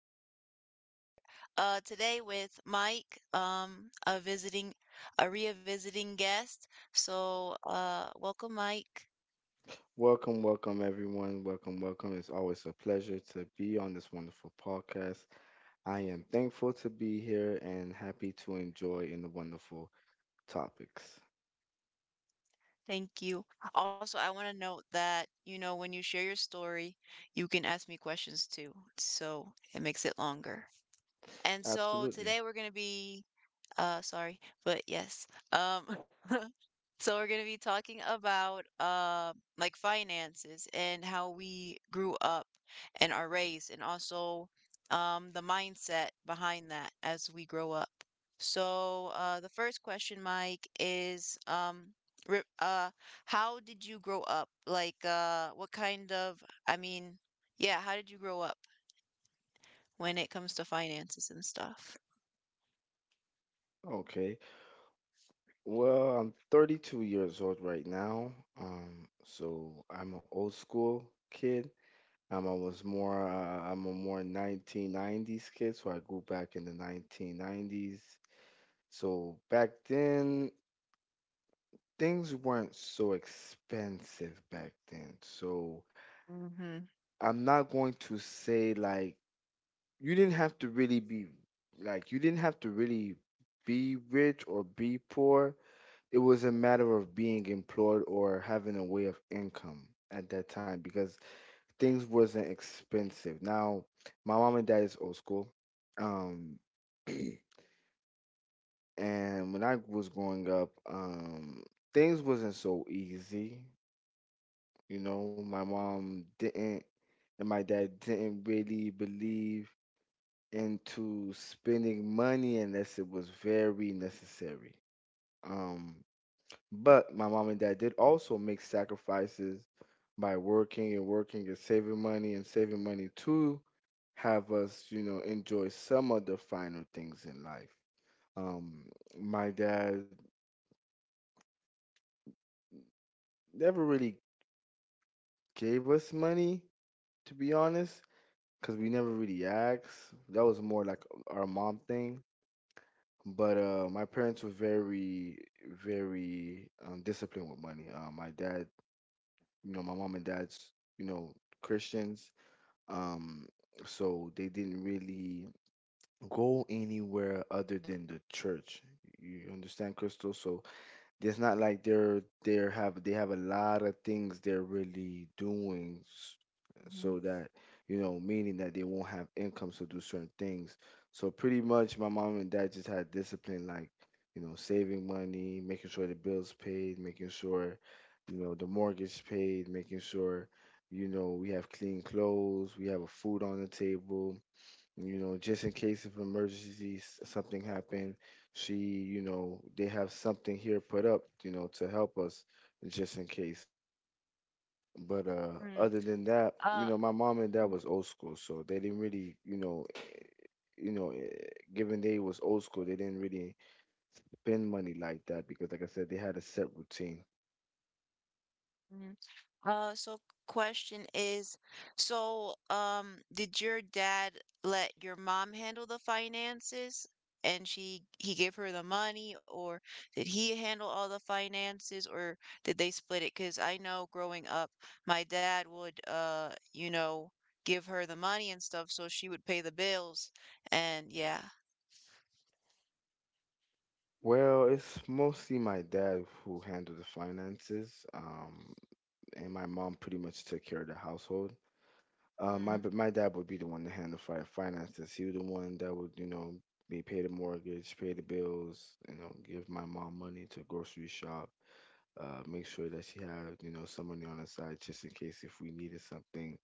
have another podcast here today with Mike, a visiting a revisiting guest. So, welcome Mike. Welcome, welcome, everyone. Welcome, welcome. It's always a pleasure to be on this wonderful podcast. I am thankful to be here and happy to enjoy in the wonderful topics. Thank you. Also, I want to note that, you know, when you share your story, you can ask me questions too. So, it makes it longer. And so Absolutely. today we're going to be sorry, but yes. Um So we're going to be talking about like finances and how we grew up and are raised, and also the mindset behind that as we grow up. So the first question, Mike, is re- uh, how did you grow up? Like, what kind of, I mean, yeah, how did you grow up when it comes to finances and stuff? Okay. Well, I'm 32 years old right now. So I'm an old school kid. I was I'm a more 1990s kid, so I grew back in the 1990s. So back then, things weren't so expensive back then. So I'm not going to say like you didn't have to really be like you didn't have to really be rich or be poor. It was a matter of being employed or having a way of income at that time because things wasn't expensive. Now, my mom and dad is old school. Um and when I was growing up, things wasn't so easy. My mom didn't and my dad didn't really believe into spending money unless it was very necessary. Um, but my mom and dad did also make sacrifices by working and working and saving money to have us, enjoy some of the finer things in life. Um, my dad never really gave us money, to be honest, because we never really asked. That was more like our mom thing. But my parents were very, disciplined with money. My dad, my mom and dad's, you know, Christians. Um, so they didn't really go anywhere other than the church. You understand, Crystal? So it's not like they're have they have a lot of things they're really doing so Mhm. that, you know, meaning that they won't have income to do certain things. So pretty much my mom and dad just had discipline, like, saving money, making sure the bills paid, making sure, you know, the mortgage paid, making sure, you know, we have clean clothes, we have a food on the table, just in case of emergencies, something happened, she, they have something here put up, to help us just in case. But Mm, other than that, uh, my mom and dad mm, was old school, so they didn't really, you know, eh, given they was old school, they didn't really spend money like that because, like I said, they had a set routine. mm. So question is, did your dad let your mom handle the finances and she he gave her the money, or did he handle all the finances, or did they split it? Because I know growing up, my dad would you know, give her the money and stuff, so she would pay the bills, and yeah. Well, it's mostly my dad who handled the finances, and my mom pretty much took care of the household. My Mm, but my dad would be the one to handle fi finances. He was the one that would, be pay the mortgage, pay the bills, give my mom money to grocery shop, make sure that she had, some money on the side just in case if we needed something.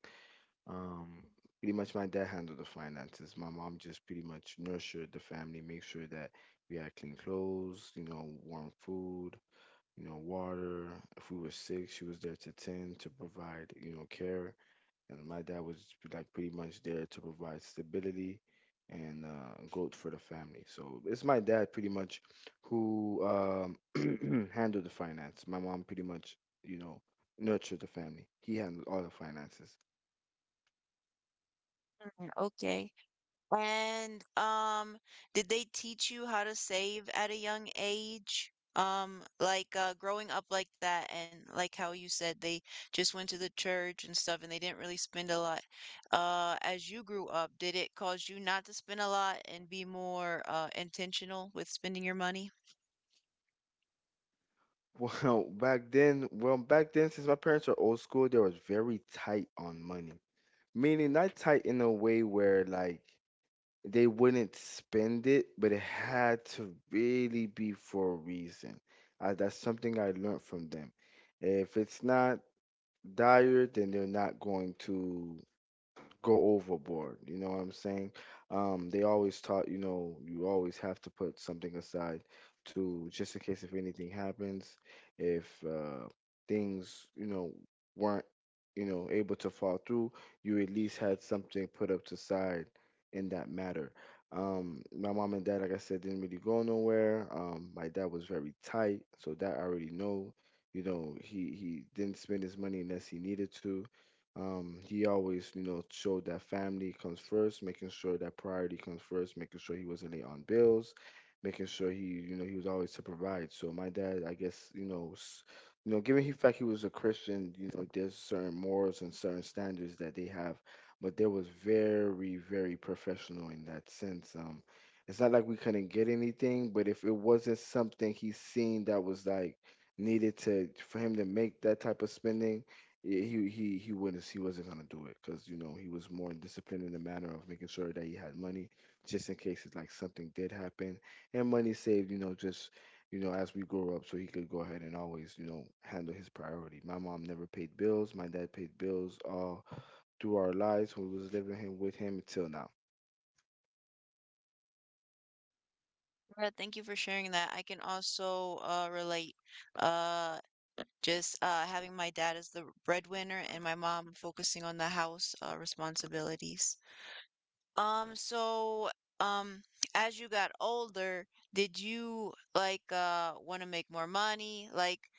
Um, Pretty much my dad handled the finances. My mom just pretty much nurtured the family, make sure that we had clean clothes, warm food, water. If we were sick, she was there to tend to provide, care, and my dad was like pretty much there to provide stability and growth for the family. So it's my dad pretty much who handled the finance. My mom pretty much, you know, nurtured the family. He handled all the finances. okay. And did they teach you how to save at a young age? Growing up like that, and like how you said they just went to the church and stuff, and they didn't really spend a lot. As you grew up, did it cause you not to spend a lot and be more intentional with spending your money? Well, back then, well, back then, since my parents are old school, they were very tight on money. Meaning, not tight in a way where like they wouldn't spend it, but it had to really be for a reason. That's something I learned from them. If it's not dire, then they're not going to go overboard. You know what I'm saying? They always taught, you always have to put something aside to just in case if anything happens, if things, weren't, able to fall through, you at least had something put up to side in that matter. My mom and dad, like I said, didn't really go nowhere. My dad was very tight, so that I already know. He didn't spend his money unless he needed to. He always, showed that family comes first, making sure that priority comes first, making sure he wasn't late on bills, making sure he, he was always to provide. So my dad, I guess, given the fact he was a Christian, there's certain morals and certain standards that they have, but they was very, professional in that sense. It's not like we couldn't get anything, but if it wasn't something he seen that was like needed to for him to make that type of spending, yeah, he wouldn't he wasn't gonna do it because, you know, he was more disciplined in the manner of making sure that he had money just in case it's like something did happen and money saved, you know, just, you know, as we grow up, so he could go ahead and always, handle his priority. My mom never paid bills. My dad paid bills all through our lives when we was living him with him until now. Yeah, thank you for sharing that. I can also relate. Uh, just having my dad as the breadwinner and my mom focusing on the house responsibilities. Um, so, um, as you got older, did you like want to make more money? Like,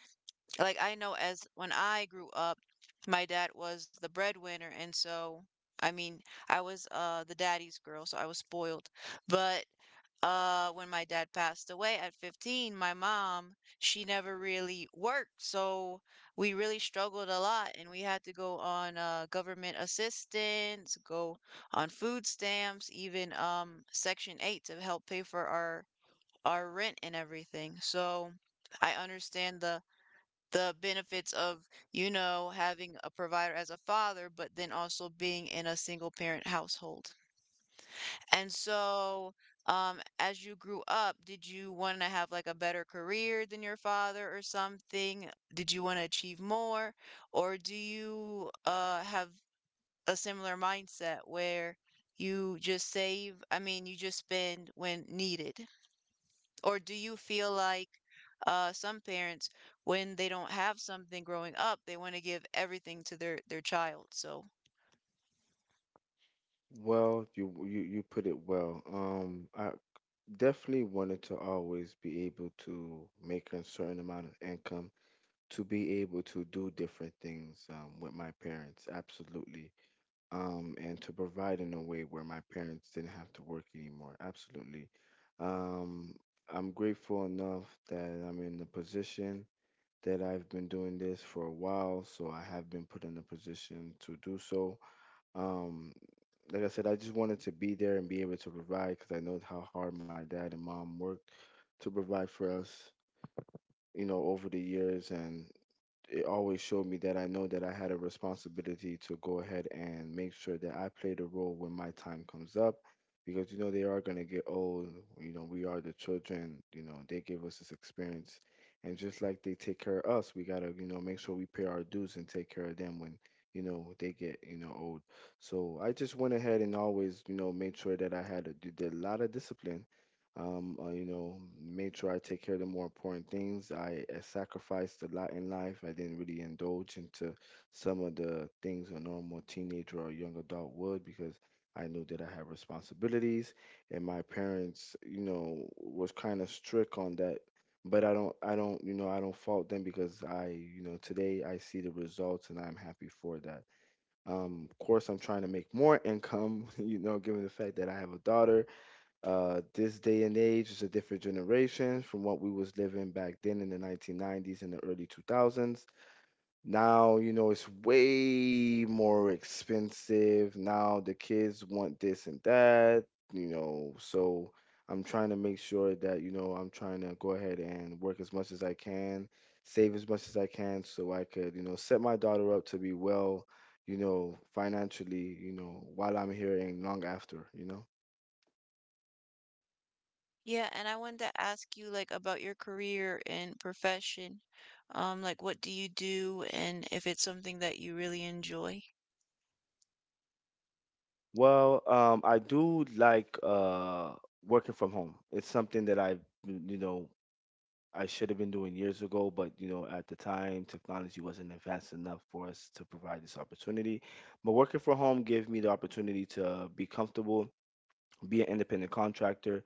like, I know as when I grew up, my dad was the breadwinner, and so I mean, I was the daddy's girl, so I was spoiled. But when my dad passed away at 15, my mom, she never really worked, so we really struggled a lot and we had to go on government assistance, go on food stamps, even Section 8 to help pay for our rent and everything. So I understand the benefits of, you know, having a provider as a father, but then also being in a single parent household. And so, as you grew up, did you want to have like a better career than your father or something? Did you want to achieve more? Or do you have a similar mindset where you just save, I mean, you just spend when needed? Or do you feel like some parents, when they don't have something growing up, they want to give everything to their child? So Well, you put it well. I definitely wanted to always be able to make a certain amount of income to be able to do different things with my parents, absolutely. And to provide in a way where my parents didn't have to work anymore, absolutely. Um, I'm grateful enough that I'm in the position that I've been doing this for a while, so I have been put in a position to do so. Um, like I said, I just wanted to be there and be able to provide because I know how hard my dad and mom worked to provide for us, over the years. And it always showed me that I know that I had a responsibility to go ahead and make sure that I played a role when my time comes up because, you know, they are going to get old. You know, we are the children. You know, they give us this experience, and just like they take care of us, we got to, make sure we pay our dues and take care of them when, you know, they get, you know, old. So I just went ahead and always, made sure that I had did a lot of discipline. um, uh, you know, made sure I take care of the more important things. I sacrificed a lot in life. I didn't really indulge into some of the things a normal teenager or young adult would because I knew that I had responsibilities, and my parents, was kind of strict on that. But I don't fault them because I, today I see the results and I'm happy for that. Of course, I'm trying to make more income, given the fact that I have a daughter. This day and age is a different generation from what we was living back then in the 1990s and the early 2000s. Now, it's way more expensive. Now the kids want this and that, so I'm trying to make sure that, I'm trying to go ahead and work as much as I can, save as much as I can so I could, set my daughter up to be well, financially, while I'm here and long after, you know. yeah, and I wanted to ask you like about your career and profession. Like what do you do, and if it's something that you really enjoy? Well, I do like working from home. It's something that I, you know, I should have been doing years ago, but, you know, at the time, technology wasn't advanced enough for us to provide this opportunity. But working from home gave me the opportunity to be comfortable, be an independent contractor,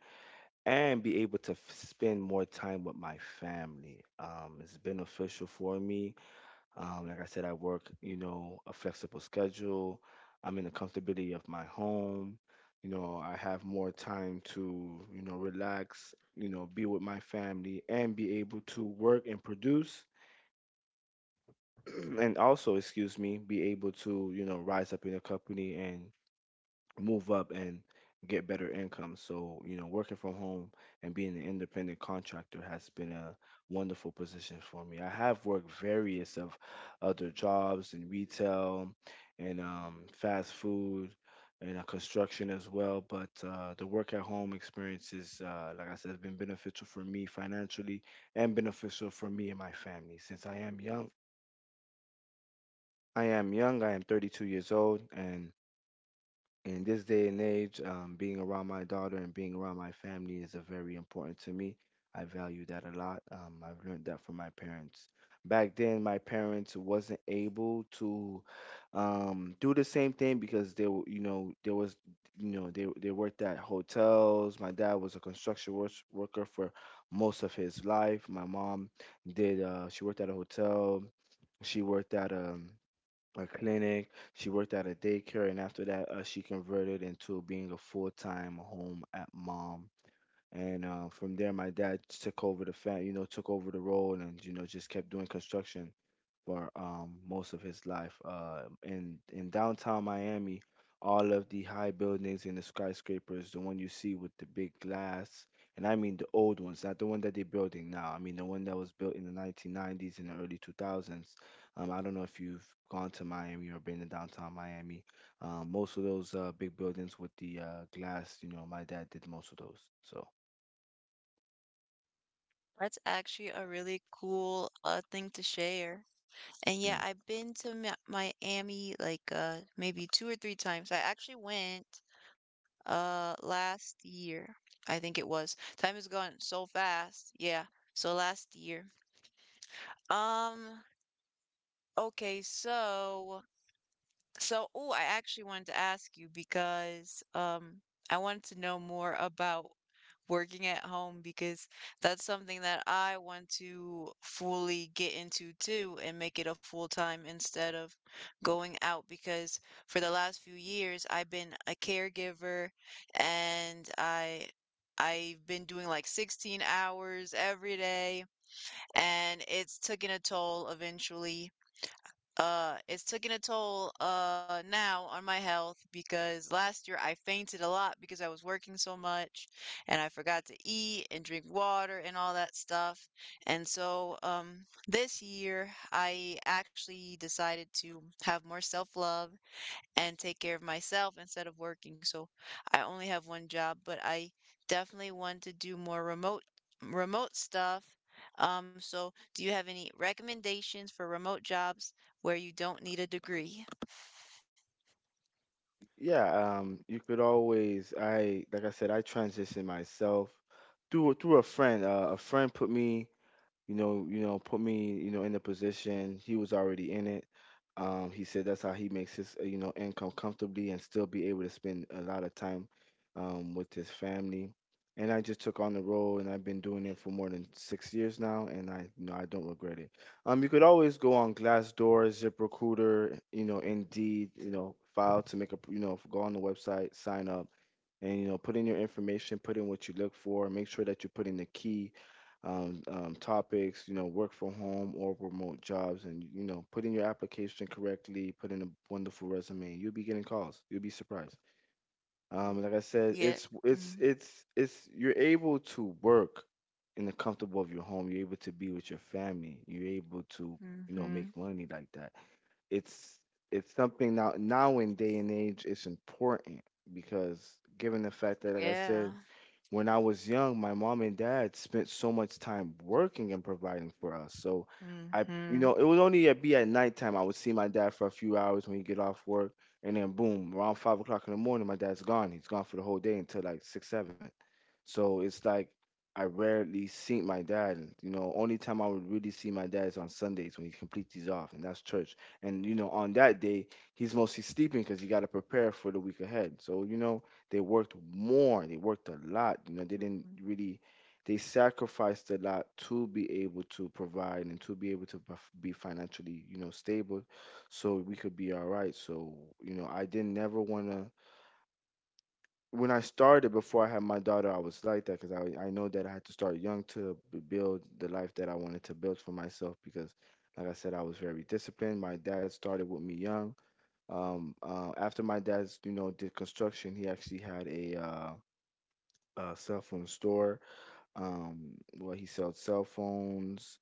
and be able to spend more time with my family. It's beneficial for me. Like I said, I work, a flexible schedule. I'm in the comfortability of my home. I have more time to, relax, be with my family and be able to work and produce. And also, excuse me, be able to, rise up in the company, and move up and get better income. So, working from home and being an independent contractor has been a wonderful position for me. I have worked various of other jobs in retail and fast food and construction as well, but the work at home experience is, like I said, has been beneficial for me financially and beneficial for me and my family since I am young. I am young. I am 32 years old, and in this day and age, being around my daughter and being around my family is a very important to me. I value that a lot. I've learned that from my parents. Back then, my parents wasn't able to do the same thing because they, were, there was, they worked at hotels. My dad was a construction worker for most of his life. My mom did. She worked at a hotel. She worked at a clinic. She worked at a daycare, and after that, she converted into being a full-time home at mom. And from there, my dad took over the fam, took over the role, and you know, just kept doing construction for most of his life. In downtown Miami, all of the high buildings and the skyscrapers, the one you see with the big glass, and I mean the old ones, not the one that they're building now. I mean the one that was built in the 1990s and the early 2000s. I don't know if you've gone to Miami or been to downtown Miami. Most of those big buildings with the glass, you know, my dad did most of those. So That's actually a really cool thing to share. And yeah, yeah. I've been to Miami like maybe two or three times. I actually went uh, last year, I think it was. Time has gone so fast. Yeah. So last year. Um, okay, so oh, I actually wanted to ask you because I wanted to know more about working at home because that's something that I want to fully get into too and make it a full time instead of going out because for the last few years I've been a caregiver and I've been doing like 16 hours every day and it's taking a toll eventually it's taking a toll now on my health because last year I fainted a lot because I was working so much and I forgot to eat and drink water and all that stuff. And so this year I actually decided to have more self-love and take care of myself instead of working. So I only have one job, but I definitely want to do more remote stuff. So do you have any recommendations for remote jobs where you don't need a degree? Yeah, you could always I like I said, I transitioned myself through a friend. A friend put me, you know, put me, you know, in the position. He was already in it. He said that's how he makes his, you know, income comfortably and still be able to spend a lot of time with his family. And I just took on the role, and I've been doing it for more than 6 years now, and I, you know, I don't regret it. You could always go on Glassdoor, ZipRecruiter, you know, Indeed, you know, file to make a, you know, go on the website, sign up and you know put in your information, put in what you look for, make sure that you put in the key topics, you know, work from home or remote jobs, and you know put in your application correctly, put in a wonderful resume, you'll be getting calls, you'll be surprised. Like I said, Yeah. it's you're able to work in the comfortable of your home, you're able to be with your family, you're able to you know Mm-hmm. make money like that. it's it's something, now in day and age, it's important because given the fact that like I Yeah. said, when I was young, my mom and dad spent so much time working and providing for us. So I, you know, Mm-hmm. it would only be at nighttime I would see my dad for a few hours when he get off work, and then boom, around 5 o'clock in the morning, my dad's gone. He's gone for the whole day until like six, seven. So it's like I rarely see my dad. You know, only time I would really see my dad is on Sundays when he completes these off, and that's church. And you know, on that day, he's mostly sleeping because you got to prepare for the week ahead. So you know they worked more. They worked a lot. You know, they didn't Mm-hmm. really, they sacrificed a lot to be able to provide and to be able to be financially, you know, stable so we could be all right. So, you know, I didn't never want to. When I started before I had my daughter, I was like that because I know that I had to start young to build the life that I wanted to build for myself because, like I said, I was very disciplined. My dad started with me young. After my dad's, you know, did construction, he actually had a cell phone store. Well, he sold cell phones.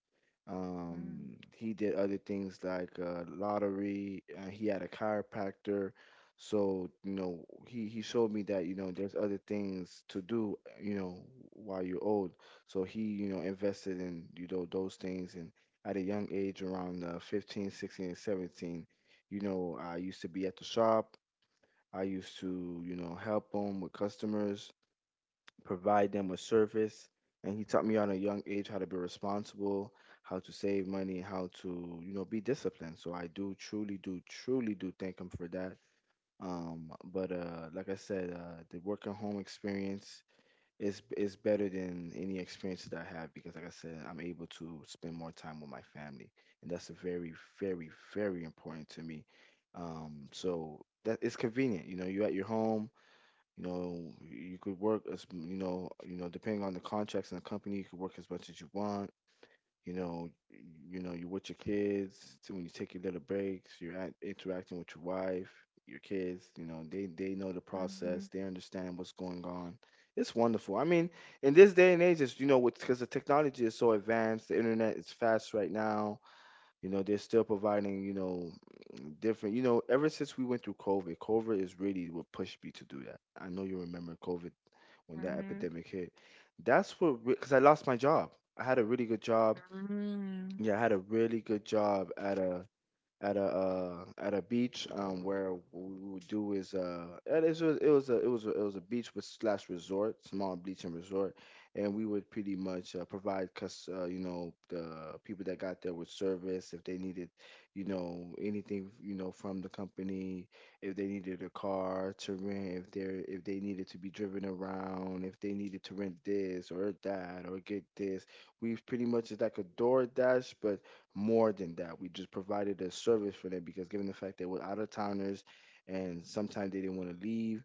He did other things like lottery. He had a chiropractor. So, you know, he showed me that, you know, there's other things to do, you know, while you're old. So he, you know, invested in, you know, those things. And at a young age, around 15, 16, and 17, you know, I used to be at the shop. I used to, you know, help him with customers, provide them with service. And he taught me on a young age how to be responsible, how to save money, how to, you know, be disciplined. So I do truly do thank him for that. But like I said, the work and home experience is better than any experience that I have because, like I said, I'm able to spend more time with my family, and that's very important to me. So that it's convenient. You know, you're at your home, you know, you could work as you know, depending on the contracts in the company, you could work as much as you want. You know, you know, you're with your kids. So when you take your little breaks, you're act interacting with your wife, your kids. You know, they know the process. They understand what's going on. It's wonderful. I mean, in this day and age, it's, you know, because the technology is so advanced, the internet is fast right now. You know, they're still providing, you know, different, you know, ever since we went through COVID, COVID is really what pushed me to do that. I know you remember COVID when that Mm-hmm. epidemic hit. That's what, because I lost my job. I had a really good job. Mm-hmm. Yeah, I had a really good job at a at a beach where what we would do is it was a beach with slash resort, small beach and resort, and we would pretty much provide cus you know, the people that got there with service if they needed you know anything you know from the company, if they needed a car to rent, if they needed to be driven around, if they needed to rent this or that or get this. We pretty much is like a DoorDash, but more than that. We just provided a service for them because, given the fact they were out of towners and sometimes they didn't want to leave,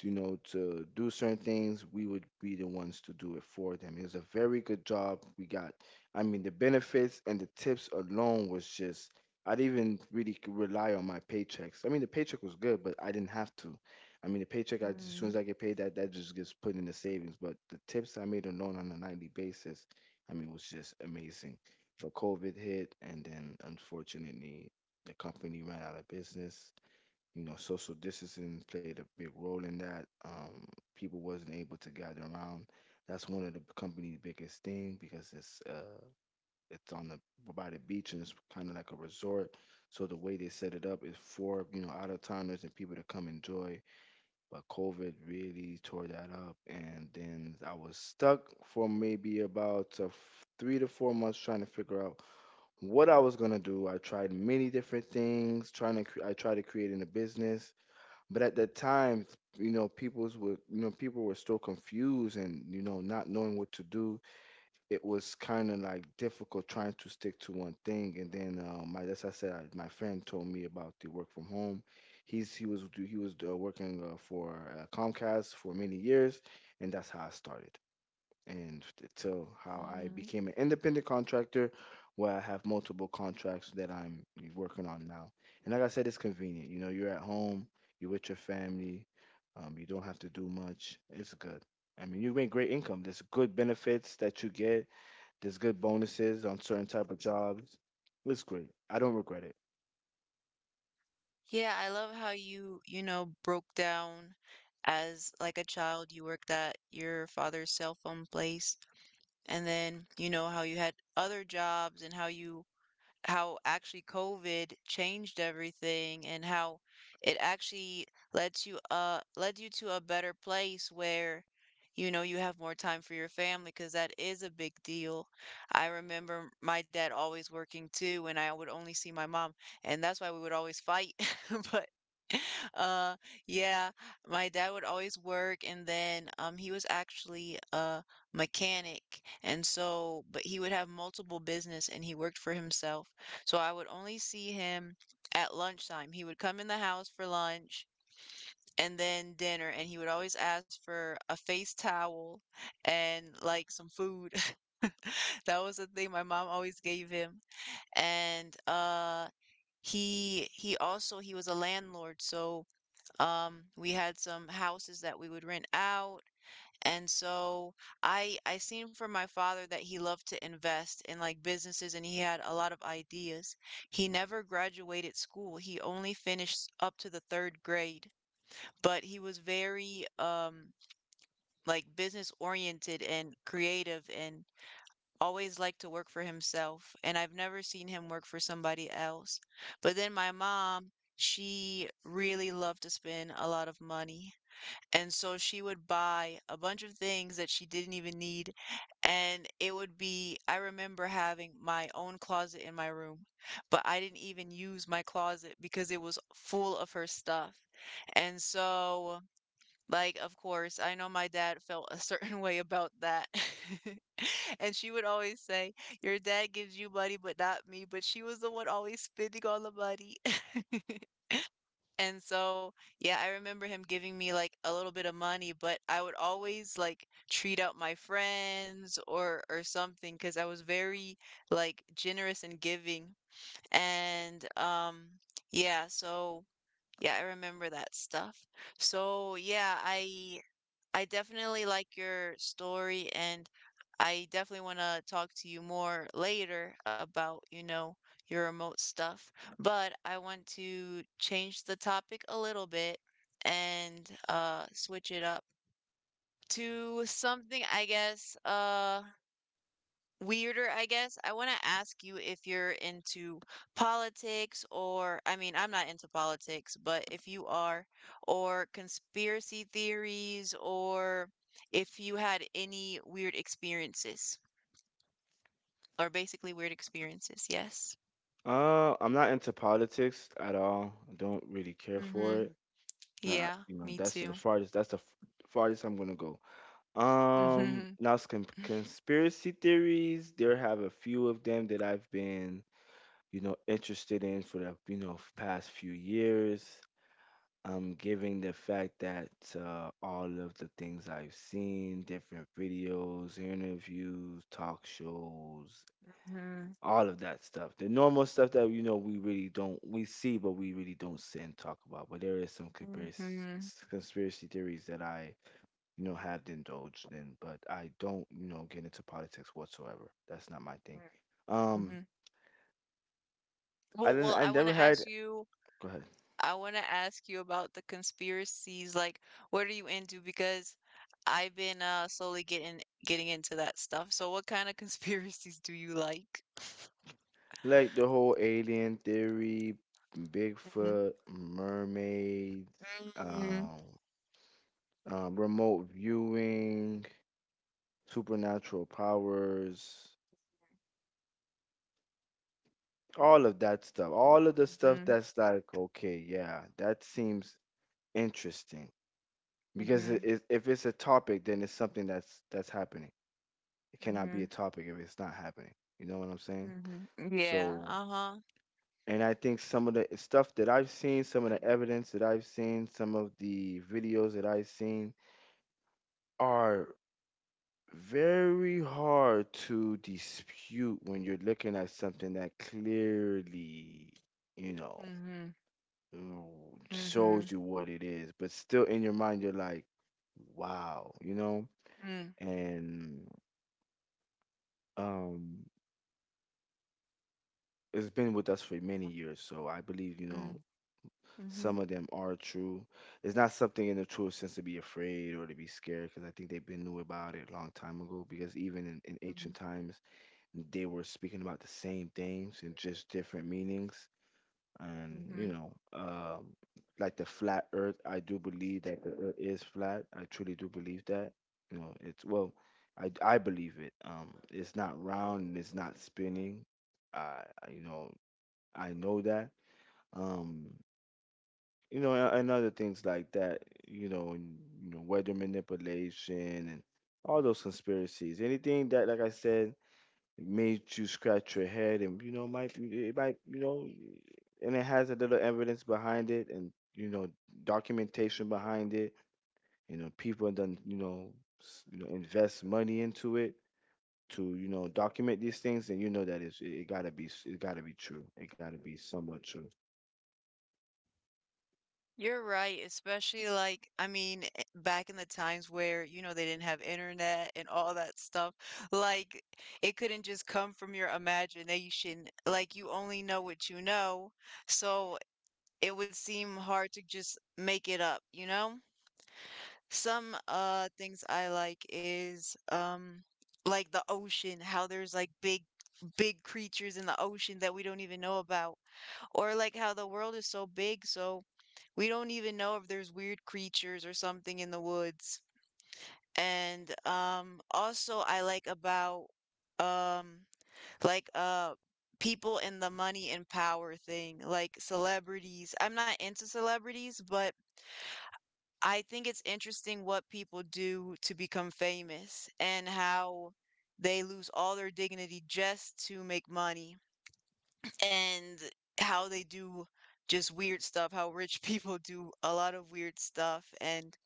you know, to do certain things, we would be the ones to do it for them. It was a very good job we got. I mean, the benefits and the tips alone was just, I didn't even really rely on my paychecks. I mean, the paycheck was good, but I didn't have to. I mean, the paycheck, as soon as I get paid, that just gets put in the savings. But the tips I made alone on a nightly basis, I mean, was just amazing. But COVID hit, and then unfortunately, the company ran out of business, you know, social distancing played a big role in that. People wasn't able to gather around. That's one of the company's biggest thing because it's on the by the beach and it's kind of like a resort. So the way they set it up is for you know out of towners and people to come enjoy. But COVID really tore that up, and then I was stuck for maybe about 3 to 4 months trying to figure out what I was gonna do. I tried many different things, trying to I tried to create in a business, but at that time you know people were still confused and you know not knowing what to do. It was kind of like difficult trying to stick to one thing, and then my that's I said I, my friend told me about the work from home. He was working for Comcast for many years, and that's how I started and till how I Mm-hmm. became an independent contractor where I have multiple contracts that I'm working on now. And like I said, it's convenient. You know, you're at home, you're with your family, you don't have to do much. It's good. I mean, you make great income. There's good benefits that you get. There's good bonuses on certain type of jobs. It's great. I don't regret it. Yeah, I love how you, you know, broke down as like a child, you worked at your father's cell phone place, and then, you know, how you had other jobs and how you how actually COVID changed everything and how it actually led you to a better place where you know you have more time for your family because that is a big deal. I remember my dad always working too and I would only see my mom and that's why we would always fight. But uh yeah, my dad would always work and then he was actually a mechanic and so but he would have multiple business and he worked for himself so I would only see him at lunchtime. He would come in the house for lunch and then dinner, and he would always ask for a face towel and like some food. That was the thing my mom always gave him. And he was a landlord, so we had some houses that we would rent out and so I seen from my father that he loved to invest in like businesses and he had a lot of ideas. He never graduated school. He only finished up to the third grade, but he was very like business oriented and creative and always liked to work for himself. And I've never seen him work for somebody else. But then my mom, she really loved to spend a lot of money. And so she would buy a bunch of things that she didn't even need. And it would be, I remember having my own closet in my room, but I didn't even use my closet because it was full of her stuff. And so, like, of course, I know my dad felt a certain way about that. And she would always say, "Your dad gives you money, but not me." But she was the one always spending all the money. And so, yeah, I remember him giving me like a little bit of money, but I would always like treat out my friends or something because I was very like generous and giving. And yeah, so yeah, I remember that stuff. So, yeah, I definitely like your story and I definitely want to talk to you more later about, you know, your remote stuff, but I want to change the topic a little bit and switch it up to something I guess weirder, I guess. I want to ask you if you're into politics or, I mean, I'm not into politics, but if you are, or conspiracy theories, or if you had any weird experiences, or basically weird experiences. Yes. I'm not into politics at all. I don't really care for Mm-hmm. it. Not, Yeah, you know, me that's the too. farthest. Farthest I'm gonna go. Mm-hmm. Conspiracy theories, there have a few of them that I've been, you know, interested in for the, you know, past few years. Given the fact that all of the things I've seen, different videos, interviews, talk shows, Mm-hmm. all of that stuff. The normal stuff that, you know, we see, but we really don't sit and talk about. But there is some Mm-hmm. conspiracy theories that I, you know, have indulged in, but I don't, you know, get into politics whatsoever. That's not my thing. Um, Mm-hmm. Well, well, I I want never to ask had, you. go ahead, I want to ask you about the conspiracies. Like, what are you into? Because I've been slowly getting into that stuff. So, what kind of conspiracies do you like? like the whole alien theory, Mm-hmm. Bigfoot, mermaids, Mm-hmm. um, remote viewing, supernatural powers, all of that stuff. All of the stuff that's like, okay, yeah, that seems interesting because Mm-hmm. If it's a topic, then it's something that's happening. It cannot be Mm-hmm. a topic if it's not happening. You know what I'm saying? Mm-hmm. Yeah. So, Uh-huh. and I think some of the stuff that I've seen, some of the evidence that I've seen, some of the videos that I've seen are very hard to dispute when you're looking at something that clearly, you know, Mm-hmm. mm, Mm-hmm. shows you what it is, but still in your mind, you're like, wow, you know? Mm-hmm. And, um, it's been with us for many years, so I believe, you know, Mm-hmm. some of them are true. It's not something in the truest sense to be afraid or to be scared, because I think they've been knew about it a long time ago. Because even in ancient times, they were speaking about the same things in just different meanings. And Mm-hmm. you know, like the flat Earth, I do believe that the Earth is flat. I truly do believe that. You know, it's well, I believe it. It's not round and it's not spinning. I I- you know I know that. Um, you know, and other things like that, you know, and you know, weather manipulation and all those conspiracies. Anything that, like I said, made you scratch your head, and you know, might, you know, and it has a little evidence behind it, and you know, documentation behind it. You know, people done, you know, invest money into it to, you know, document these things, and you know that it gotta be it gotta be true. It gotta be somewhat true. You're right, especially like, I mean, eh, back in the times where, you know, they didn't have internet and all that stuff, like it couldn't just come from your imagination. Like you only know what you know. So it would seem hard to just make it up, you know? Some things I like is like the ocean, how there's like big creatures in the ocean that we don't even know about. Or like how the world is so big, so we don't even know if there's weird creatures or something in the woods. And also I like about um like uh people in the money and power thing, like celebrities. I'm not into celebrities, but I think it's interesting what people do to become famous and how they lose all their dignity just to make money and how they do just weird stuff, how rich people do a lot of weird stuff. And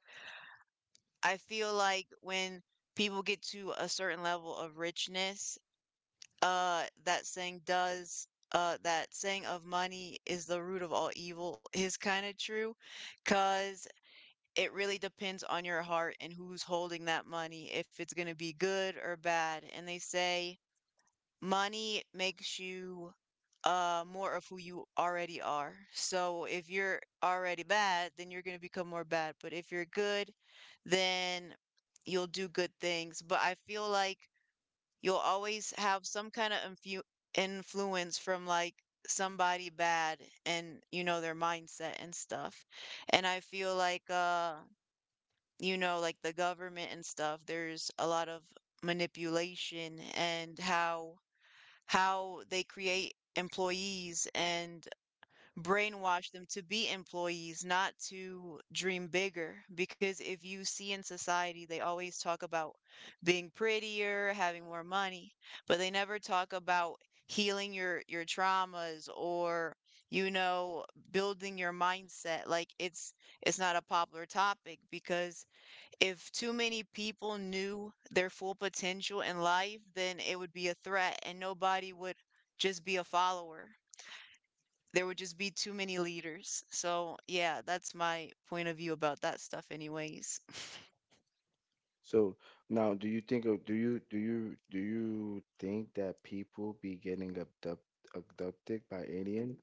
I feel like when people get to a certain level of richness, that saying does. That saying of money is the root of all evil is kind of true, cause it really depends on your heart and who's holding that money, if it's going to be good or bad. And they say money makes you more of who you already are. So if you're already bad, then you're going to become more bad. But if you're good, then you'll do good things. But I feel like you'll always have some kind of influence from like somebody bad and you know their mindset and stuff. And I feel like you know, like the government and stuff, there's a lot of manipulation and how they create employees and brainwash them to be employees, not to dream bigger. Because if you see in society, they always talk about being prettier, having more money, but they never talk about healing your traumas or you know building your mindset like it's not a popular topic because if too many people knew their full potential in life, then it would be a threat and nobody would just be a follower. There would just be too many leaders. So, yeah, that's my point of view about that stuff, anyways. So now, do you think of do you do you do you think that people be getting abducted by alien?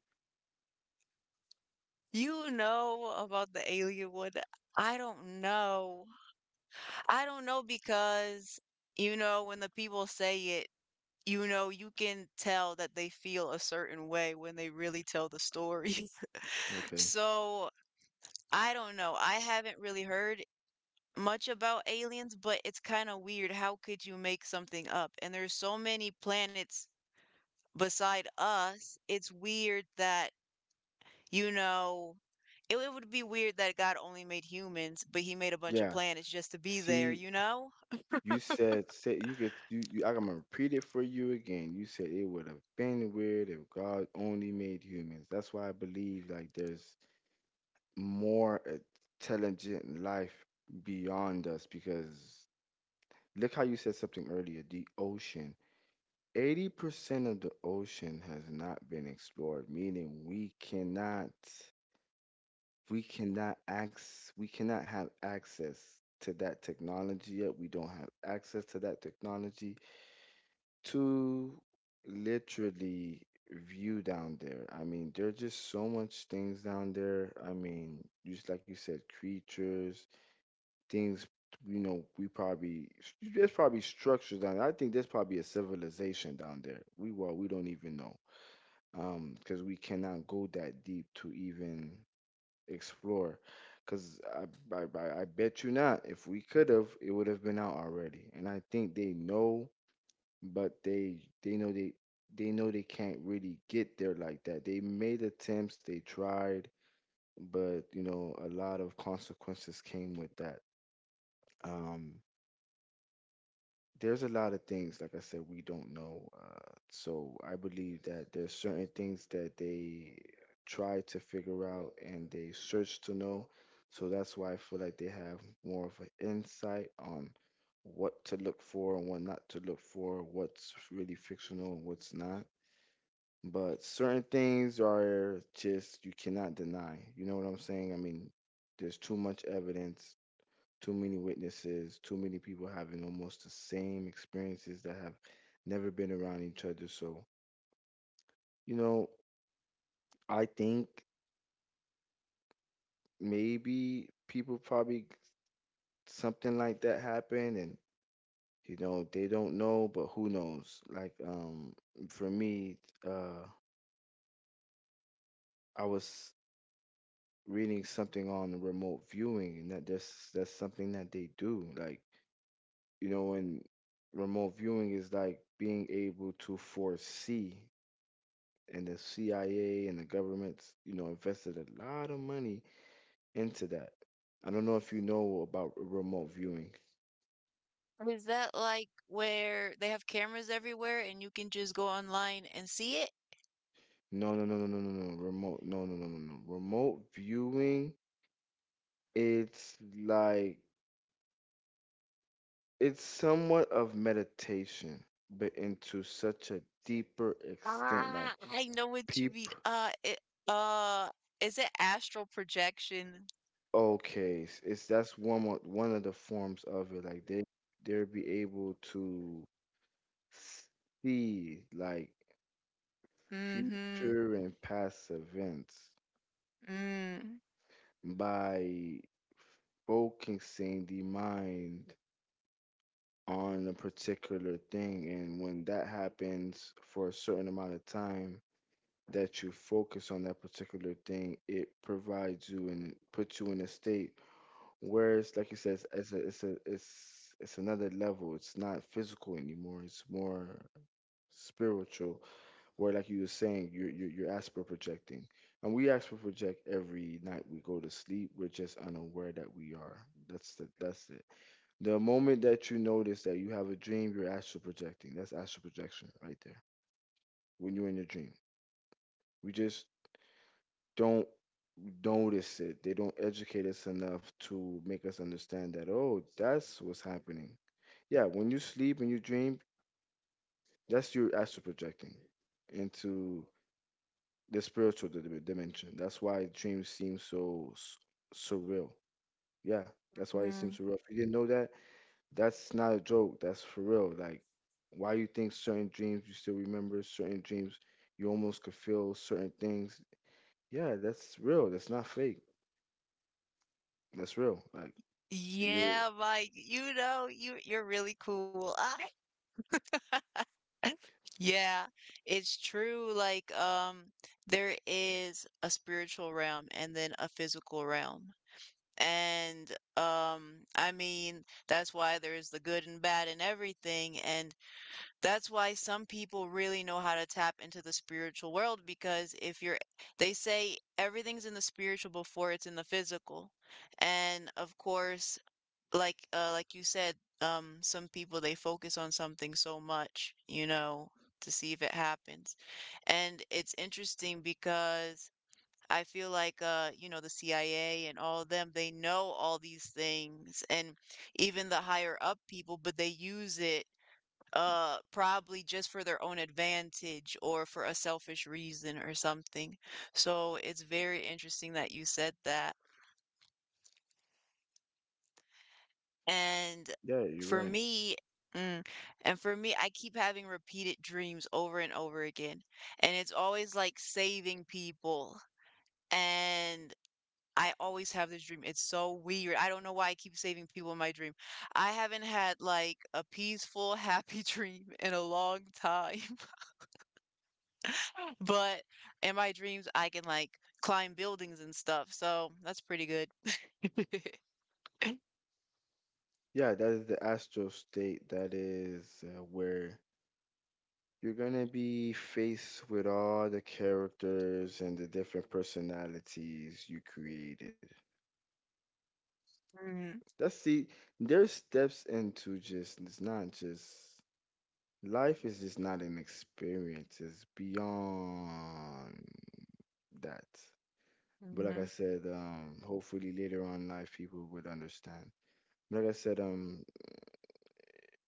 You know about the alien one? I don't know. I don't know because, you know, when the people say it, you know, you can tell that they feel a certain way when they really tell the story. Okay. So I don't know. I haven't really heard much about aliens, but it's kind of weird. How could you make something up? And there's so many planets beside us. It's weird that, you know, it would be weird that God only made humans, but he made a bunch of Yeah. planets just to be there, See, you know? you said say you could you, you I'm gonna repeat it for you again. You said it would have been weird if God only made humans. That's why I believe like there's more intelligent life beyond us because look how you said something earlier, the ocean. 80% of the ocean has not been explored, meaning we cannot have access to that technology yet. We don't have access to that technology to literally view down there. I mean, there's just so much things down there. I mean, just like you said, creatures, things, you know, we probably there's probably structures down there. I think there's probably a civilization down there. We, well, we don't even know, because we cannot go that deep to even explore because I bet you not, if we could have, it would have been out already. And I think they know, but they know they they know they can't really get there like that. They made attempts, they tried, but you know, a lot of consequences came with that. um there's a lot of things, like I said, we don't know. So I believe that there's certain things that they try to figure out and they search to know. So that's why I feel like they have more of an insight on what to look for and what not to look for, what's really fictional and what's not. But certain things are just you cannot deny. You know what I'm saying? I mean, there's too much evidence, too many witnesses, too many people having almost the same experiences that have never been around each other. So, you know, I think maybe people probably something like that happened and you know, they don't know, but who knows? Like, for me, uh I was reading something on remote viewing, and that's something that they do. Like, you know, when remote viewing is like being able to foresee, and the CIA and the governments, you know, invested a lot of money into that. I don't know if you know about remote viewing. Is that like where they have cameras everywhere and you can just go online and see it? No, no, no, no, no, no, no. Remote, no, no, no, no, no. Remote viewing, it's like it's somewhat of meditation, but into such a deeper extent. Like Ah, I know what you peep, mean. Uh, is it astral projection? okay, it's that's one of the forms of it. Like they they'll be able to see like Mhm. future and past events Mm. by focusing the mind on a particular thing. And when that happens for a certain amount of time, that you focus on that particular thing, it provides you and it puts you in a state where it's like you said, it's another level. It's not physical anymore. It's more spiritual, where like you were saying, you're astral projecting, and we astral project every night we go to sleep. We're just unaware that we are. That's it. The moment that you notice that you have a dream, you're astral projecting. That's astral projection right there, when you're in your dream. We just don't notice it. They don't educate us enough to make us understand that, oh, that's what's happening. Yeah, when you sleep and you dream, that's your astral projecting into the spiritual dimension. That's why dreams seem so surreal. Yeah, that's why it seems Mhm. surreal. If you didn't know that, that's not a joke. That's for real. Like, why you think certain dreams you still remember, certain dreams you almost could feel certain things. Yeah, that's real. That's not fake. That's real. Like, you're, Yeah, Mike, you know, you're really cool. Yeah, it's true. Like, there is a spiritual realm and then a physical realm. And I mean, that's why there's the good and bad and everything. And that's why some people really know how to tap into the spiritual world because if you're, they say everything's in the spiritual before it's in the physical. And of course, like you said, some people they focus on something so much, you know, to see if it happens. And it's interesting because I feel like you know, the CIA and all of them, they know all these things and even the higher up people, but they use it probably just for their own advantage or for a selfish reason or something. So it's very interesting that you said that. And yeah, you're for right. me, mm, and for me, I keep having repeated dreams over and over again. And it's always like saving people. And I always have this dream. It's so weird. I don't know why I keep saving people in my dream. I haven't had like a peaceful, happy dream in a long time. But in my dreams, I can like climb buildings and stuff. So that's pretty good. Yeah, that is the astral state. That is where you're gonna be faced with all the characters and the different personalities you created. Mm, That's see, there's steps into just, it's not just life is just not an experience. It's beyond that. But like I mhm, said, hopefully later on in life people would understand. Like I said,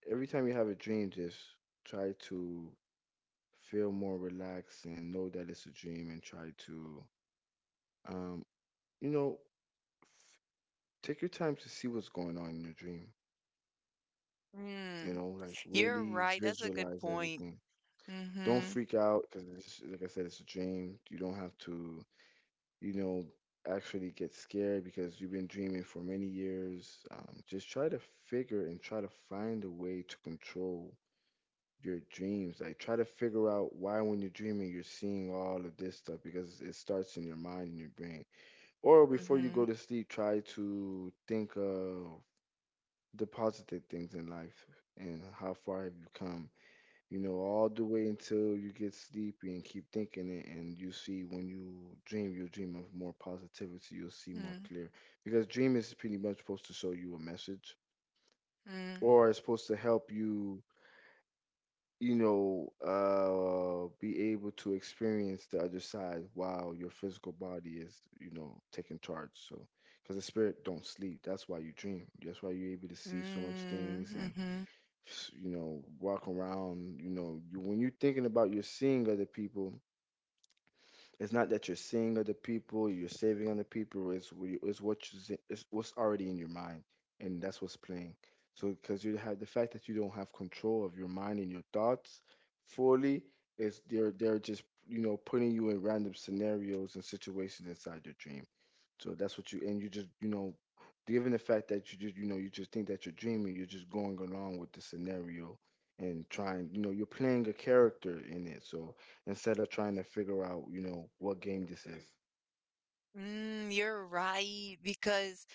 every time you have a dream, just try to feel more relaxed and know that it's a dream and try to um you know, take your time to see what's going on in your dream. mm. You know, like You're really right. That's a good visualize point. everything. Don't Mm-hmm. freak out because, like I said, it's a dream. You don't have to, you know, actually get scared because you've been dreaming for many years. Just try to figure and try to find a way to control your dreams. Like try to figure out why when you're dreaming you're seeing all of this stuff because it starts in your mind and your brain. Or before you Mm-hmm. go to sleep, try to think of the positive things in life and how far have you come, you know, all the way until you get sleepy and keep thinking it, and you see when you dream, you dream of more positivity. You'll see more Mm-hmm. clear because dream is pretty much supposed to show you a message, or it's supposed to help you, you know, be able to experience the other side while your physical body is, you know, taking charge. So because the spirit don't sleep, that's why you dream. That's why you're able to see so much things Mm-hmm. and Mm-hmm. you know, walk around. You know, when you're thinking about you're seeing other people, it's not that you're seeing other people, you're saving other people. It's, what you, it's what's already in your mind, and that's what's playing. So, because you have the fact that you don't have control of your mind and your thoughts fully, is they're just, you know, putting you in random scenarios and situations inside your dream. So that's what you, and you just, you know, given the fact that you just, you know, you just think that you're dreaming, you're just going along with the scenario and trying, you know, you're playing a character in it. So instead of trying to figure out, you know, what game this is, Mm, you're right because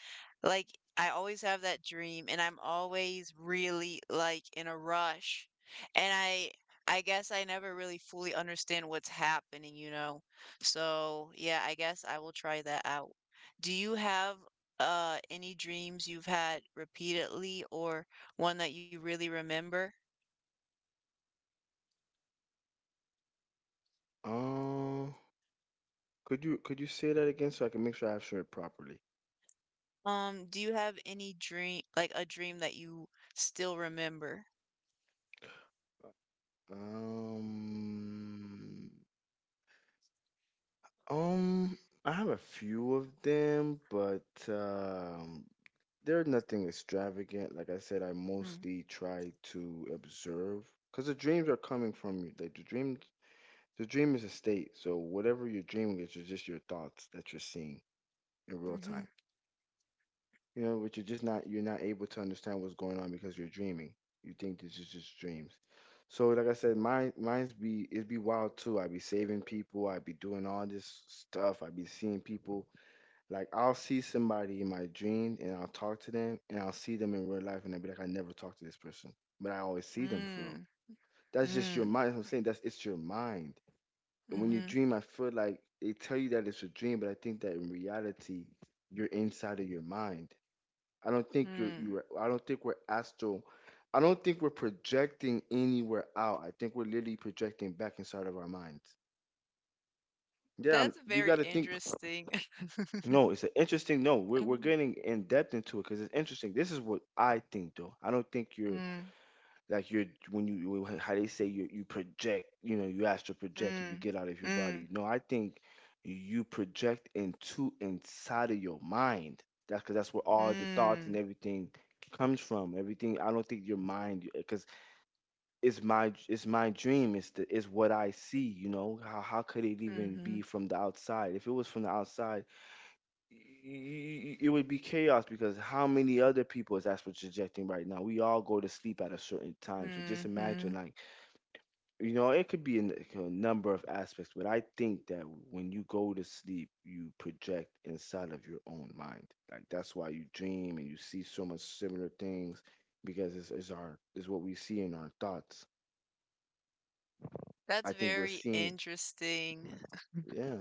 like I always have that dream and I'm always really like in a rush. And I guess I never really fully understand what's happening, you know. So, yeah, I guess I will try that out. Do you have any dreams you've had repeatedly or one that you really remember? um, could you say that again so I can make sure I have it properly? Do you have any dream like a dream that you still remember? Um, um, I have a few of them, but there's nothing extravagant. Like I said, I Mm. mostly try to observe because the dreams are coming from you. Like the dream is a state. So whatever you're dreaming is just your thoughts that you're seeing in real Mm-hmm. time. You know, which you're just not you're not able to understand what's going on because you're dreaming. You think this is just dreams. So like I said, mine's be, it be wild too. I be saving people. I be doing all this stuff. I be seeing people, like I'll see somebody in my dream and I'll talk to them and I'll see them in real life and I'll be like, I never talked to this person. But I always see them for real. Mm. That's just your Mm. mind. I'm saying that's it's your mind. And when you Mhm. dream, I feel like they tell you that it's a dream, but I think that in reality, you're inside of your mind. I don't think you're Mm. you are I don't think we're astral. I don't think we're projecting anywhere out. I think we're literally projecting back inside of our minds. Yeah, That's you very got to think. interesting. No, it's an interesting. No, we're Mm. getting in depth into it because it's interesting. This is what I think, though. I don't think you're, Mm, like, you're, when you, how they say you project. You know, you astral project and you mm, get out of your mm, body. No, I think you project into inside of your mind. That's because that's where all the thoughts and mm. everything comes from. Everything. I don't think your mind, because it's my dream. It's what I see. You know, how could it even Mhm, be from the outside? If it was from the outside, it would be chaos, because how many other people is that's what's projecting right now? We all go to sleep at a certain time, so just imagine, mhm. like, you know, it could be in, like, a number of aspects, but I think that when you go to sleep, you project inside of your own mind. Like, that's why you dream and you see so much similar things, because it's our, is what we see in our thoughts. That's I think we're very seeing. interesting. Yeah.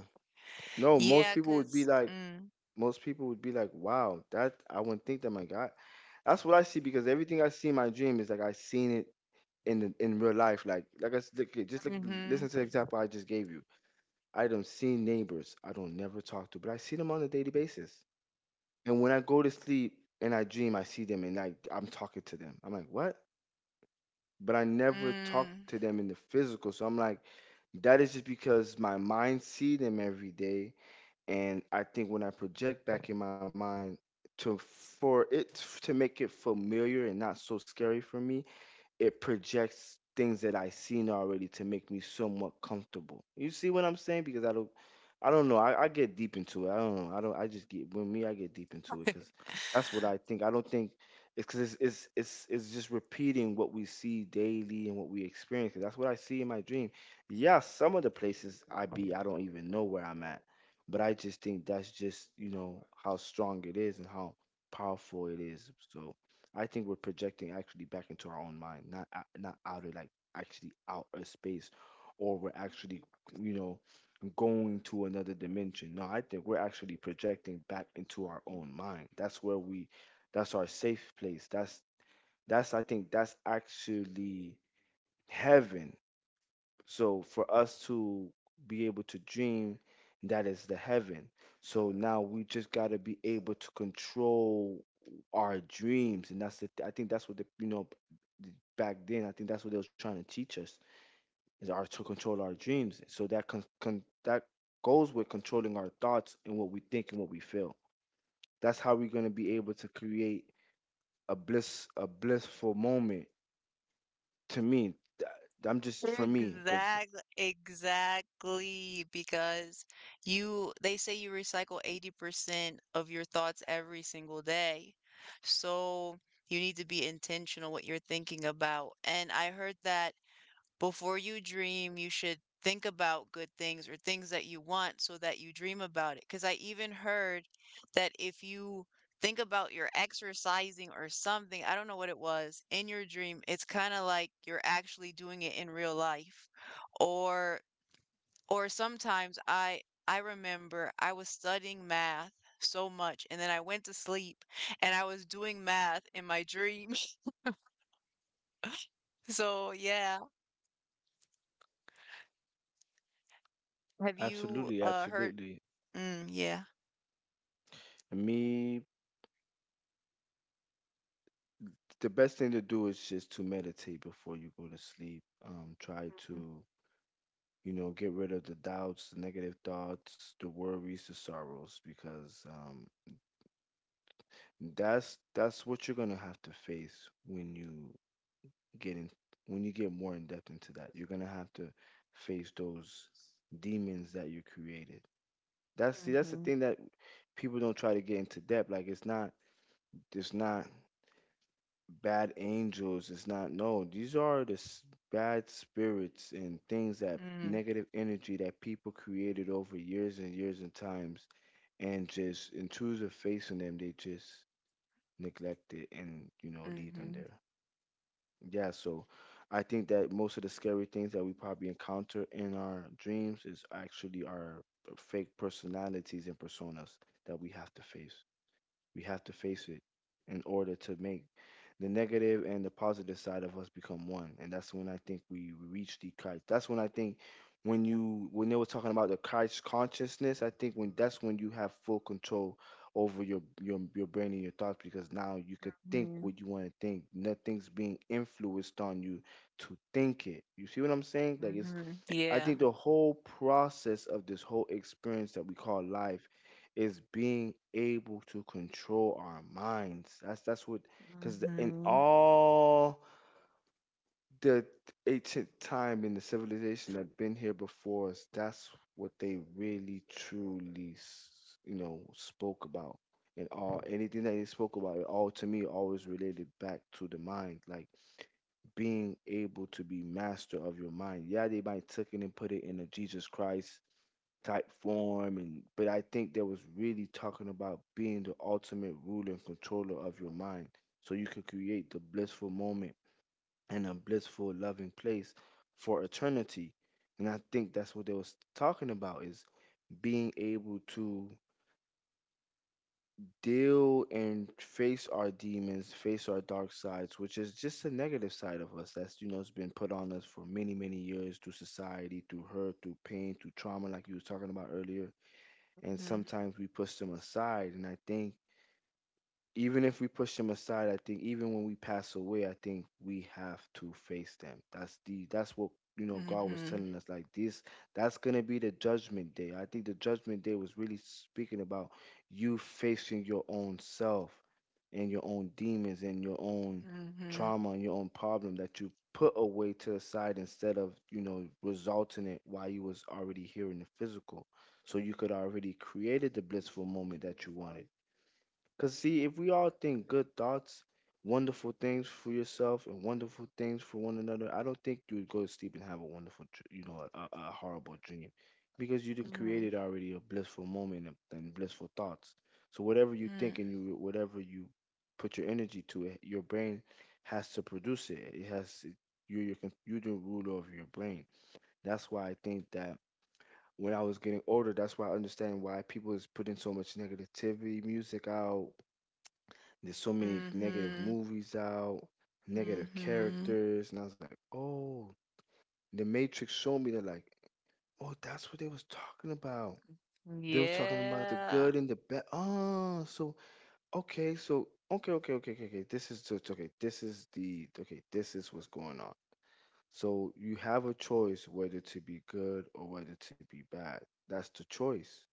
No, most Yeah, people would be 'cause like, most people would be like, wow, that I wouldn't think that, my God. That's what I see, because everything I see in my dream is like I seen it in real life. Like I s- like, it- just like listen mhm, to the example I just gave you. I don't see neighbors I don't never talk to, but I see them on a daily basis. And when I go to sleep and I dream, I see them and I'm talking to them. I'm like, what? But I never talk mm. to them in the physical. So I'm like, that is just because my mind see them every day, and I think when I project back in my mind to for it to make it familiar and not so scary for me, it projects things that I seen already to make me somewhat comfortable. You see what I'm saying? Because I don't know. I get deep into it. I don't know. I don't. I just get with me. I get deep into it because that's what I think. I don't think it's because it's just repeating what we see daily and what we experience. 'Cause that's what I see in my dream. Yeah, some of the places I be, I don't even know where I'm at, but I just think that's just, you know, how strong it is and how powerful it is. So I think we're projecting actually back into our own mind, not outer, like actually outer space, or we're actually, you know, going to another dimension. No, I think we're actually projecting back into our own mind. That's where we, that's our safe place. That's I think that's actually heaven, so for us to be able to dream, that is the heaven. So now we just got to be able to control our dreams, and that's the, I think that's what the, you know, b- back then, I think that's what they were trying to teach us, is our to control our dreams. So that that goes with controlling our thoughts and what we think and what we feel. That's how we're gonna be able to create a blissful moment. To me, th- I'm just, for me, because Exactly, exactly, because you they say you recycle 80% of your thoughts every single day. So you need to be intentional what you're thinking about. And I heard that before you dream, you should think about good things or things that you want so that you dream about it. Because I even heard that if you think about your exercising or something, I don't know what it was, in your dream, it's kind of like you're actually doing it in real life. Or or sometimes I remember I was studying math so much and then I went to sleep and I was doing math in my dream. So yeah, have you absolutely, heard? absolutely. Mm, yeah. Me, the best thing to do is just to meditate before you go to sleep. Try to, you know, get rid of the doubts, the negative thoughts, the worries, the sorrows, because that's what you're gonna have to face when get in, when you get more in depth into that. You're gonna have to face those demons that you created. That's the Mhm. thing that people don't try to get into depth. Like, it's not, it's not bad angels. It's not. No. These are bad spirits and things, that Mm. negative energy that people created over years and years and times, and just in choose of facing them, they just neglect it and, you know, leave them Mhm. there. Yeah, so I think that most of the scary things that we probably encounter in our dreams is actually our fake personalities and personas that we have to face. We have to face it in order to make the negative and the positive side of us become one. And that's when I think we reach the kite. That's when I think, when you when they were talking about the kite consciousness, I think when, that's when you have full control over your brain and your thoughts, because now you could think Mhm. what you want to think. Nothing's being influenced on you to think it. You see what I'm saying? Like, it's, Mhm. I Yeah. think the whole process of this whole experience that we call life is being able to control our minds. That's what because in Mhm. all the ancient time, in the civilization that been here before us, that's what they really truly spoke about. And all, anything that they spoke about, it all, to me, always related back to the mind, like being able to be master of your mind. Yeah, they might took it and put it in a Jesus Christ type form, and but I think that was really talking about being the ultimate ruler and controller of your mind, so you could create the blissful moment and a blissful loving place for eternity. And I think that's what they was talking about, is being able to deal and face our demons, face our dark sides, which is just a negative side of us that's, you know, has been put on us for many, many years, through society, through hurt, through pain, through trauma, like you was talking about earlier, and sometimes we push them aside. And I think, even if we push them aside, I think even when we pass away, I think we have to face them. That's what, you know, God was Mhm. telling us, like, this, that's going to be the judgment day. I think the judgment day was really speaking about you facing your own self and your own demons and your own Mhm. trauma and your own problem that you put away to the side instead of, you know, resulting it while you was already here in the physical. So you could already created the blissful moment that you wanted. Because, see, if we all think good thoughts, wonderful things for yourself, and wonderful things for one another, I don't think you would go to sleep and have a wonderful, a horrible dream. Because you done created Mhm. already a blissful moment and, blissful thoughts. So, whatever you think Mm. and you, whatever you put your energy to it, your brain has to produce it. You're the ruler over your brain. That's why I think that when I was getting older, that's why I understand why people is putting so much negativity music out, there's so many negative Mm. movies out, negative Mhm. characters, and I was like, oh, The Matrix showed me that, like, oh, that's what they was talking about. Mhm. They was talking about the Yeah. good and the bad. Ah, so okay, so okay, okay, okay, okay, okay. This is the okay. This is the okay. This is what's going on. So you have a choice whether to be good or whether to be bad. That's the choice.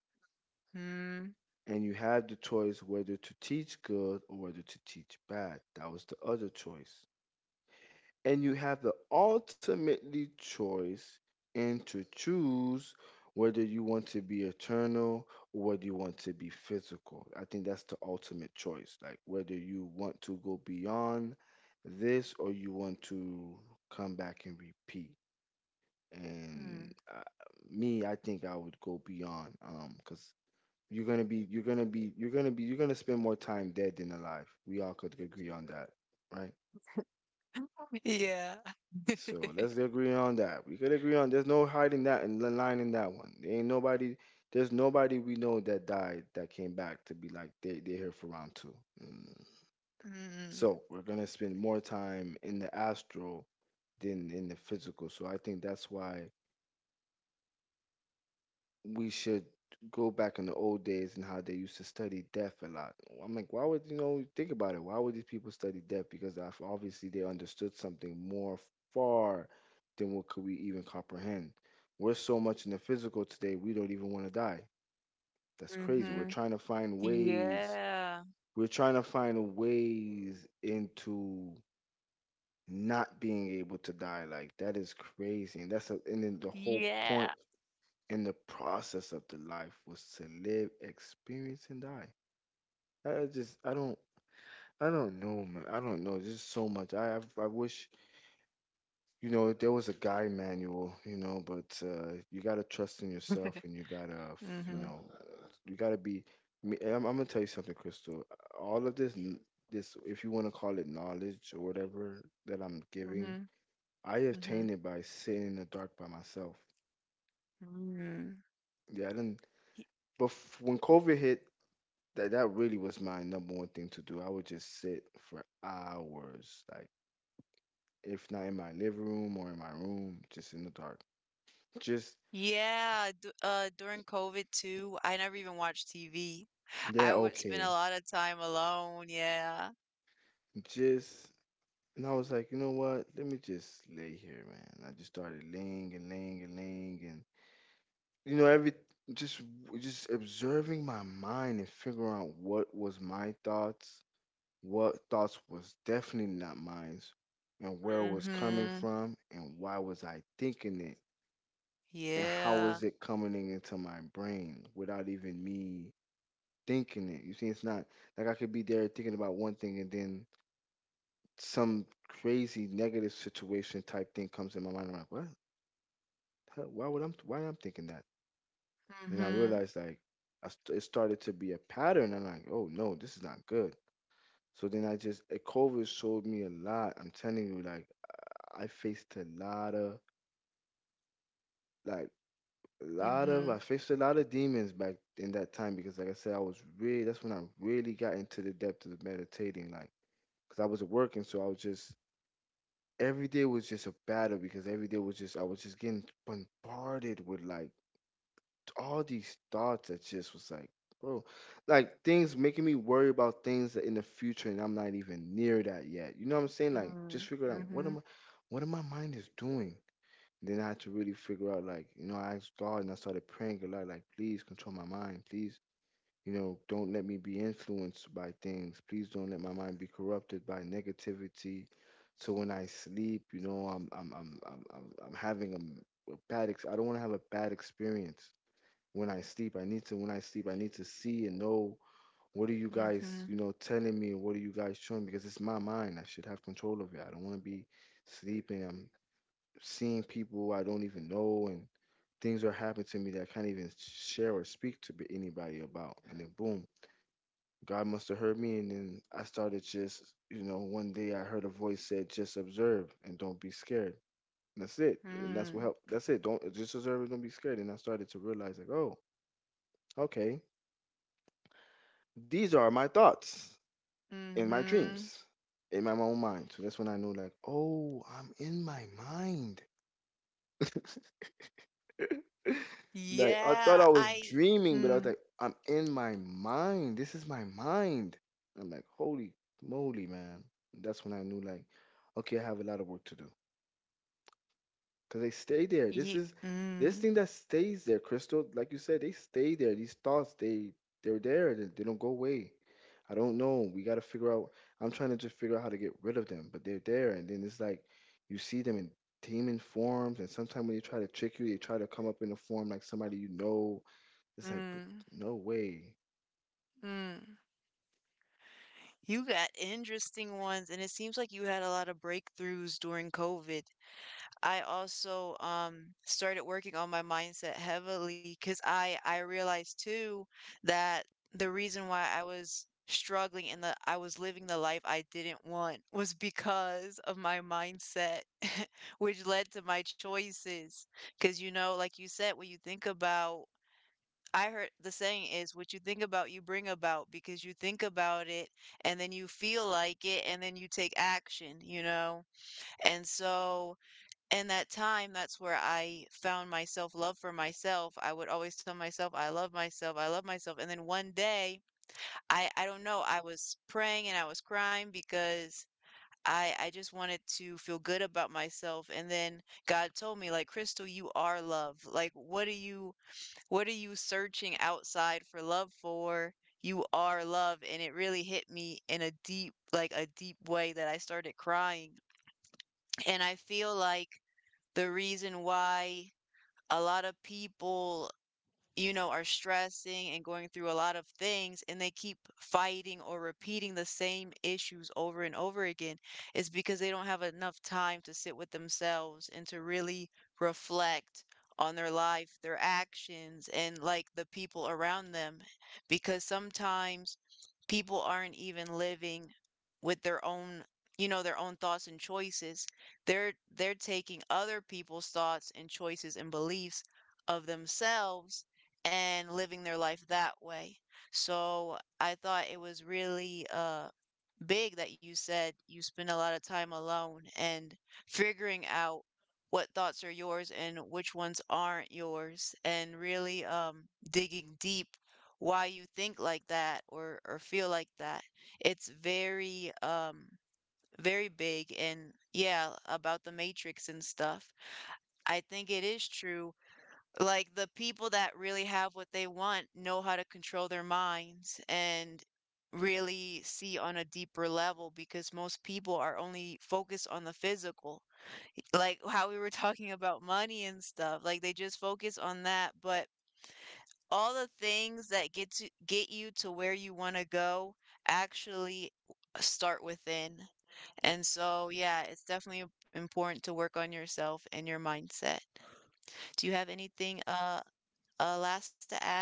Mm. And you have the choice whether to teach good or whether to teach bad. That was the other choice. And you have the ultimately choice and to choose whether you want to be eternal or whether you want to be physical. I think that's the ultimate choice, like whether you want to go beyond this or you want to come back and repeat. And Mm. Me, I think I would go beyond, because you're gonna spend more time dead than alive. We all could agree on that, right? Yeah. So let's agree on that. We could agree on there's no hiding that and lying in that one. There ain't nobody There's nobody we know that died that came back to be like they're here for round two. Mm. Mm. So we're gonna spend more time in the astral than in the physical. So I think that's why we should go back in the old days and how they used to study death a lot. I'm like, why would you know? Think about it. Why would these people study death? Because obviously they understood something more far than what could we even comprehend. We're so much in the physical today, we don't even want to die. That's crazy. We're Mhm. trying to find ways. Yeah. We're trying to find ways into not being able to die. Like that is crazy, and and then the whole point Yeah. and the process of the life was to live, experience, and die. I just, I don't know, man. I don't know. There's so much. I wish, there was a guide manual, but you gotta trust in yourself, and you gotta, f- you Mhm. know, you gotta be. I'm gonna tell you something, Crystal. All of this, this, if you wanna call it knowledge or whatever that I'm giving, Mhm. I Mhm. obtained it by sitting in the dark by myself. Mm. Yeah, I didn't. But when COVID hit, that really was my number one thing to do. I would just sit for hours, like if not in my living room or in my room, just in the dark. Just Yeah, d during COVID too, I never even watched TV. Yeah, I would spend a okay. lot of time alone. Yeah. Just And I was like, "You know what? Let me just lay here, man." I just started laying and laying and laying and you know every just just observing my mind and figuring out what was my thoughts, what thoughts was definitely not mine, and where it was coming Mm-hmm. from and why was I thinking it and how is Yeah. it coming into my brain without even me thinking it? You see, it's not like I could be there thinking about one thing and then some crazy negative situation type thing comes in my mind. I'm like, what? Hell? Why I am thinking that? And I Mm-hmm. realized like it started to be a pattern. I'm like, oh no, this is not good. So then COVID showed me a lot. I'm telling you, like I faced a lot of like a lot of Mm-hmm. I faced a lot of demons back in that time because, like I said, I was really that's when I really got into the depth of meditating. Like, because I was working, so I was just every day was just a battle because every day was just I was just getting bombarded with like all these thoughts that just was like, bro, like things making me worry about things that in the future, and I'm not even near that yet. You know what I'm saying? Like, just figure out Mm-hmm. What am my mind is doing. Then I had to really figure out, like, you know, I asked God and I started praying a lot, like, please control my mind. Please, you know, don't let me be influenced by things. Please don't let my mind be corrupted by negativity. So when I sleep, you know, I'm having a, m- a bad ex- I don't want to have a bad experience when I sleep. I need to When I sleep, I need to see and know what are you guys, you Mm-hmm. know, telling me and what are you guys showing me? Because it's my mind. I should have control of it. I don't want to be sleeping. I'm seeing people I don't even know and things are happening to me that I can't even share or speak to anybody about. And then boom, God must have heard me. And then I started just, you know, one day I heard a voice said, "Just observe and don't be scared." And that's it. And that's what Mm-hmm. helped. That's it. Don't just observe and don't be scared. And I started to realize, like, oh, okay, these are my thoughts in my Mm-hmm. dreams, in my own mind. So that's when I knew, like, oh, I'm in my mind. Like I thought Yeah. I was I. dreaming, but I was Mm. like, I'm in my mind. This is my mind. I'm like, holy moly, man. And that's when I knew like, okay, I have a lot of work to do. Cause they stay there. This Ye is this Mm. thing that stays there, Crystal. Like you said, they stay there. These thoughts, they're there. They don't go away. I don't know. We gotta figure out. I'm trying to just figure out how to get rid of them, but they're there. And then it's like you see them in demon forms, and sometimes when they try to trick you, they try to come up in a form like somebody you know. It's like, but Mm. no way. Mm. You got interesting ones, and it seems like you had a lot of breakthroughs during COVID. I also, started working on my mindset heavily because I realized too that the reason why I was struggling and that I was living the life I didn't want was because of my mindset, which led to my choices. Because you know, like you said, what you think about. I heard the saying is what you think about, you bring about because you think about it and then you feel like it and then you take action, you know? And so in that time, that's where I found myself love for myself. I would always tell myself, I love myself, I love myself. And then one day, I don't know, I was praying and I was crying because I just wanted to feel good about myself. And then God told me, like, Crystal, you are love. Like, what are you searching outside for love for? You are love. And it really hit me in a deep, like a deep way that I started crying. And I feel like the reason why a lot of people, you know, are stressing and going through a lot of things and they keep fighting or repeating the same issues over and over again, it's because they don't have enough time to sit with themselves and to really reflect on their life, their actions, and like the people around them. Because sometimes people aren't even living with their own, you know, their own thoughts and choices. They're taking other people's thoughts and choices and beliefs of themselves and living their life that way. So I thought it was really big that you said you spend a lot of time alone and figuring out what thoughts are yours and which ones aren't yours and really digging deep why you think like that or feel like that. It's very very big and yeah, about the matrix and stuff. I think it is true like, the people that really have what they want know how to control their minds and really see on a deeper level because most people are only focused on the physical. Like how we were talking about money and stuff. Like they just focus on that, but all the things that get you to where you want to go actually start within. And so, yeah, it's definitely important to work on yourself and your mindset. Do you have anything last to add?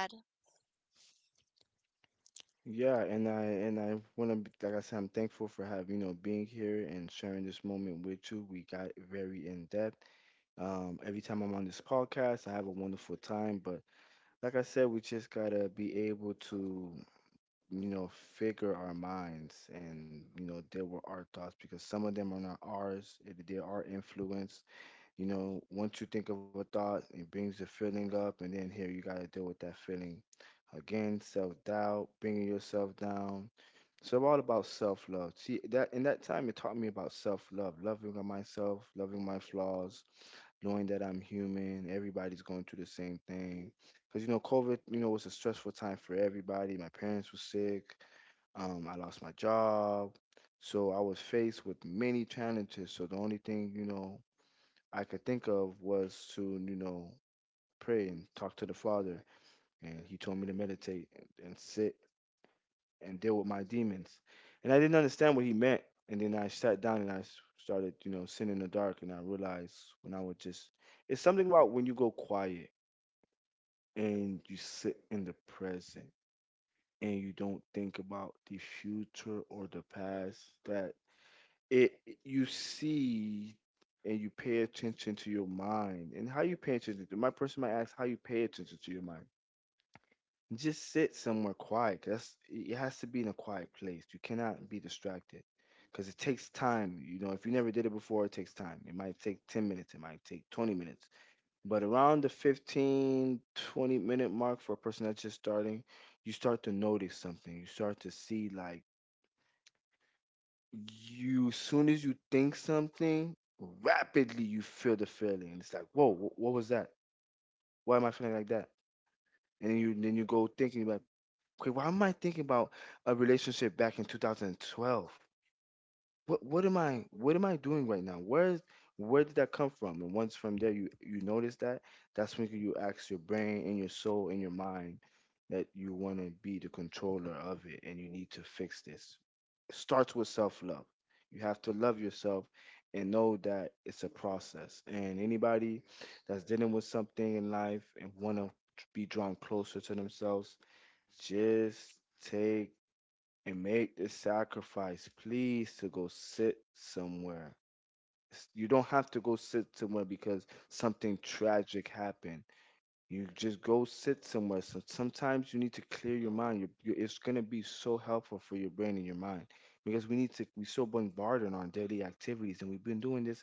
Yeah, and I wanna be, like I said, I'm thankful for having you know being here and sharing this moment with you. We got very in depth. Every time I'm on this podcast, I have a wonderful time. But like I said, we just gotta be able to you know figure our minds and you know deal with our thoughts because some of them are not ours. They are influenced. You know, once you think of a thought, it brings the feeling up, and then here you got to deal with that feeling. Again, self-doubt, bringing yourself down. So all about self-love. See, that in that time it taught me about self-love, loving myself, loving my flaws, knowing that I'm human, everybody's going through the same thing. Cuz you know, COVID, you know, was a stressful time for everybody. My parents were sick. I lost my job. So I was faced with many challenges. So the only thing, you know, I could think of was to, you know, pray and talk to the Father. And he told me to meditate and sit and deal with my demons. And I didn't understand what he meant. And then I sat down and I started, you know, sitting in the dark. And I realized when I would just, it's something about when you go quiet and you sit in the present and you don't think about the future or the past that it you see and you pay attention to your mind and how you pay attention to my person might ask how you pay attention to your mind. Just sit somewhere quiet, 'cause that's it has to be in a quiet place. You cannot be distracted because it takes time. You know, if you never did it before, it takes time. It might take 10 minutes. It might take 20 minutes. But around the 15-20 minute mark, for a person that's just starting, you start to notice something. You start to see like you soon as you think something, rapidly you feel the feeling. It's like, whoa, what was that? Why am I feeling like that? And then you go thinking about, okay, why am I thinking about a relationship back in 2012? What am I doing right now? Where is where did that come from? And once from there, you notice that, that's when you ask your brain and your soul and your mind that you want to be the controller of it and you need to fix this. Starts with self love. You have to love yourself and know that it's a process. And anybody that's dealing with something in life and want to be drawn closer to themselves, just take and make the sacrifice, please, to go sit somewhere. You don't have to go sit somewhere because something tragic happened. You just go sit somewhere. So sometimes you need to clear your mind. It's going to be so helpful for your brain and your mind because we need to, we're so bombarded on daily activities. And we've been doing this.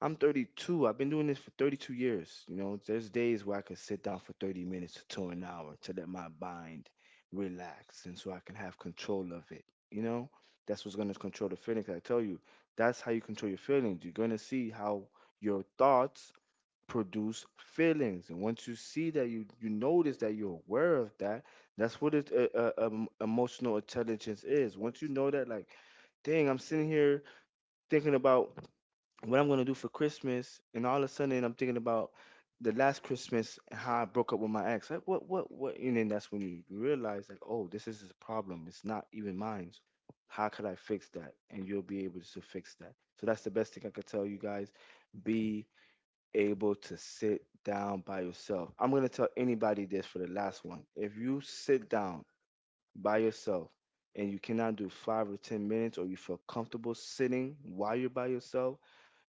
I'm 32. I've been doing this for 32 years. You know, there's days where I could sit down for 30 minutes to an hour to let my mind relax and so I can have control of it. You know, that's what's going to control the feelings. I tell you, that's how you control your feelings. You're going to see how your thoughts produce feelings. And once you see that, you notice that you're aware of that. That's what it emotional intelligence is. Once you know that, like, dang, I'm sitting here thinking about what I'm gonna do for Christmas, and all of a sudden I'm thinking about the last Christmas and how I broke up with my ex. Like, what, what? And then that's when you realize, like, oh, this is a problem. It's not even mine. How could I fix that? And you'll be able to fix that. So that's the best thing I could tell you guys. Be able to sit down by yourself. I'm going to tell anybody this for the last one. If you sit down by yourself and you cannot do 5 or 10 minutes, or you feel comfortable sitting while you're by yourself,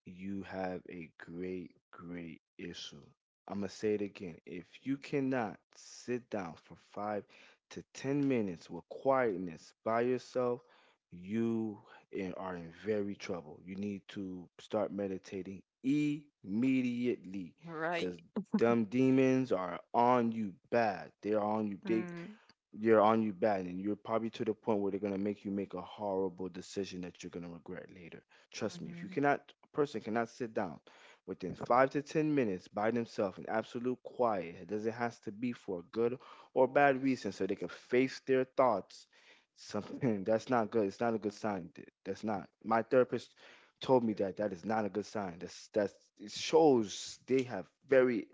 you have a great, great issue. I'm going to say it again. If you cannot sit down for 5 to 10 minutes with quietness by yourself, you are in very trouble. You need to start meditating immediately because Right. them demons are on you bad. They're on you. They Mm, You're on you bad and you're probably to the point where they're going to make you make a horrible decision that you're going to regret later. Trust me, if you mhm, cannot, a person cannot sit down within 5 to 10 minutes by themselves in absolute quiet. It doesn't has to be for a good or bad reason so they can face their thoughts. Something that's not good. It's not a good sign. Th- that's not My therapist told me that that is not a good sign. That's It shows they have very...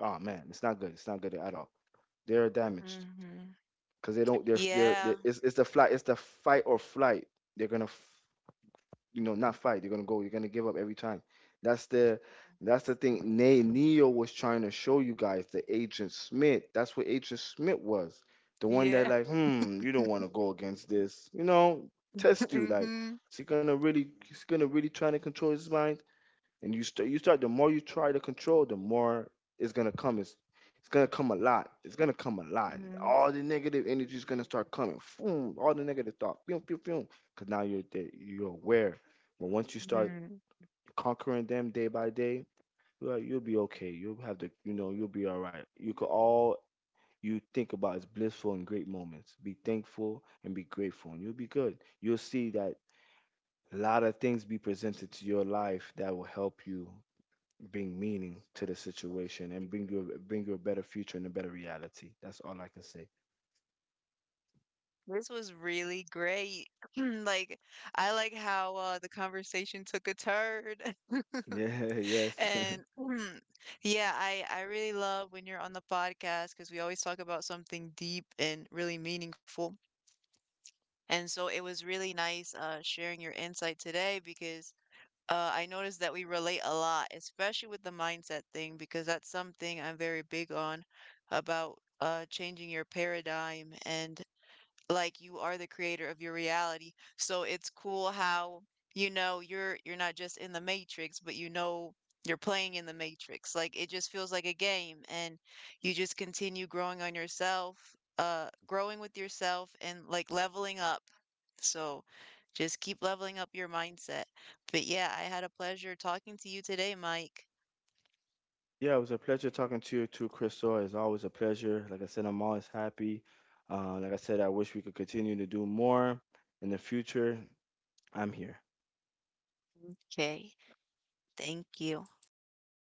oh man, it's not good. It's not good at all. They're damaged mhm. because they don't, they're, Yeah. It's the fight or flight. They're gonna not fight. They're gonna give up every time. That's the thing. Neo was trying to show you guys the Agent Smith. That's what Agent Smith was. The one that Yeah. like, hmm, you don't want to go against this, you know. Test you like, Mhm, is he gonna really he's gonna really try to control his mind. And you start the more you try to control, the more it's gonna come. It's gonna come a lot, it's gonna come a lot. mhm, All the negative energy is gonna start coming. Boom, all the negative thoughts, boom, boom, boom. Because now you're there, you're aware. But once you start mhm. conquering them day by day, well, you'll be okay. you'll have the You'll be all right. You could, all you think about is blissful and great moments. Be thankful and be grateful and you'll be good. You'll see that a lot of things be presented to your life that will help you bring meaning to the situation and bring you a better future and a better reality. That's all I can say. This was really great. Like, I like how, the conversation took a turn. Yeah, yes. And yeah, I really love when you're on the podcast because we always talk about something deep and really meaningful. And so it was really nice, sharing your insight today because I noticed that we relate a lot, especially with the mindset thing, because that's something I'm very big on about changing your paradigm and like you are the creator of your reality. So it's cool how you know you're not just in the matrix, but you know you're playing in the matrix. Like it just feels like a game, and you just continue growing on yourself, growing with yourself, and like leveling up. So just keep leveling up your mindset. But yeah, I had a pleasure talking to you today, Mike. Yeah, it was a pleasure talking to you too, Crystal. It's always a pleasure. Like I said, I'm always happy. Like I said, I wish we could continue to do more in the future. I'm here. Okay. Thank you.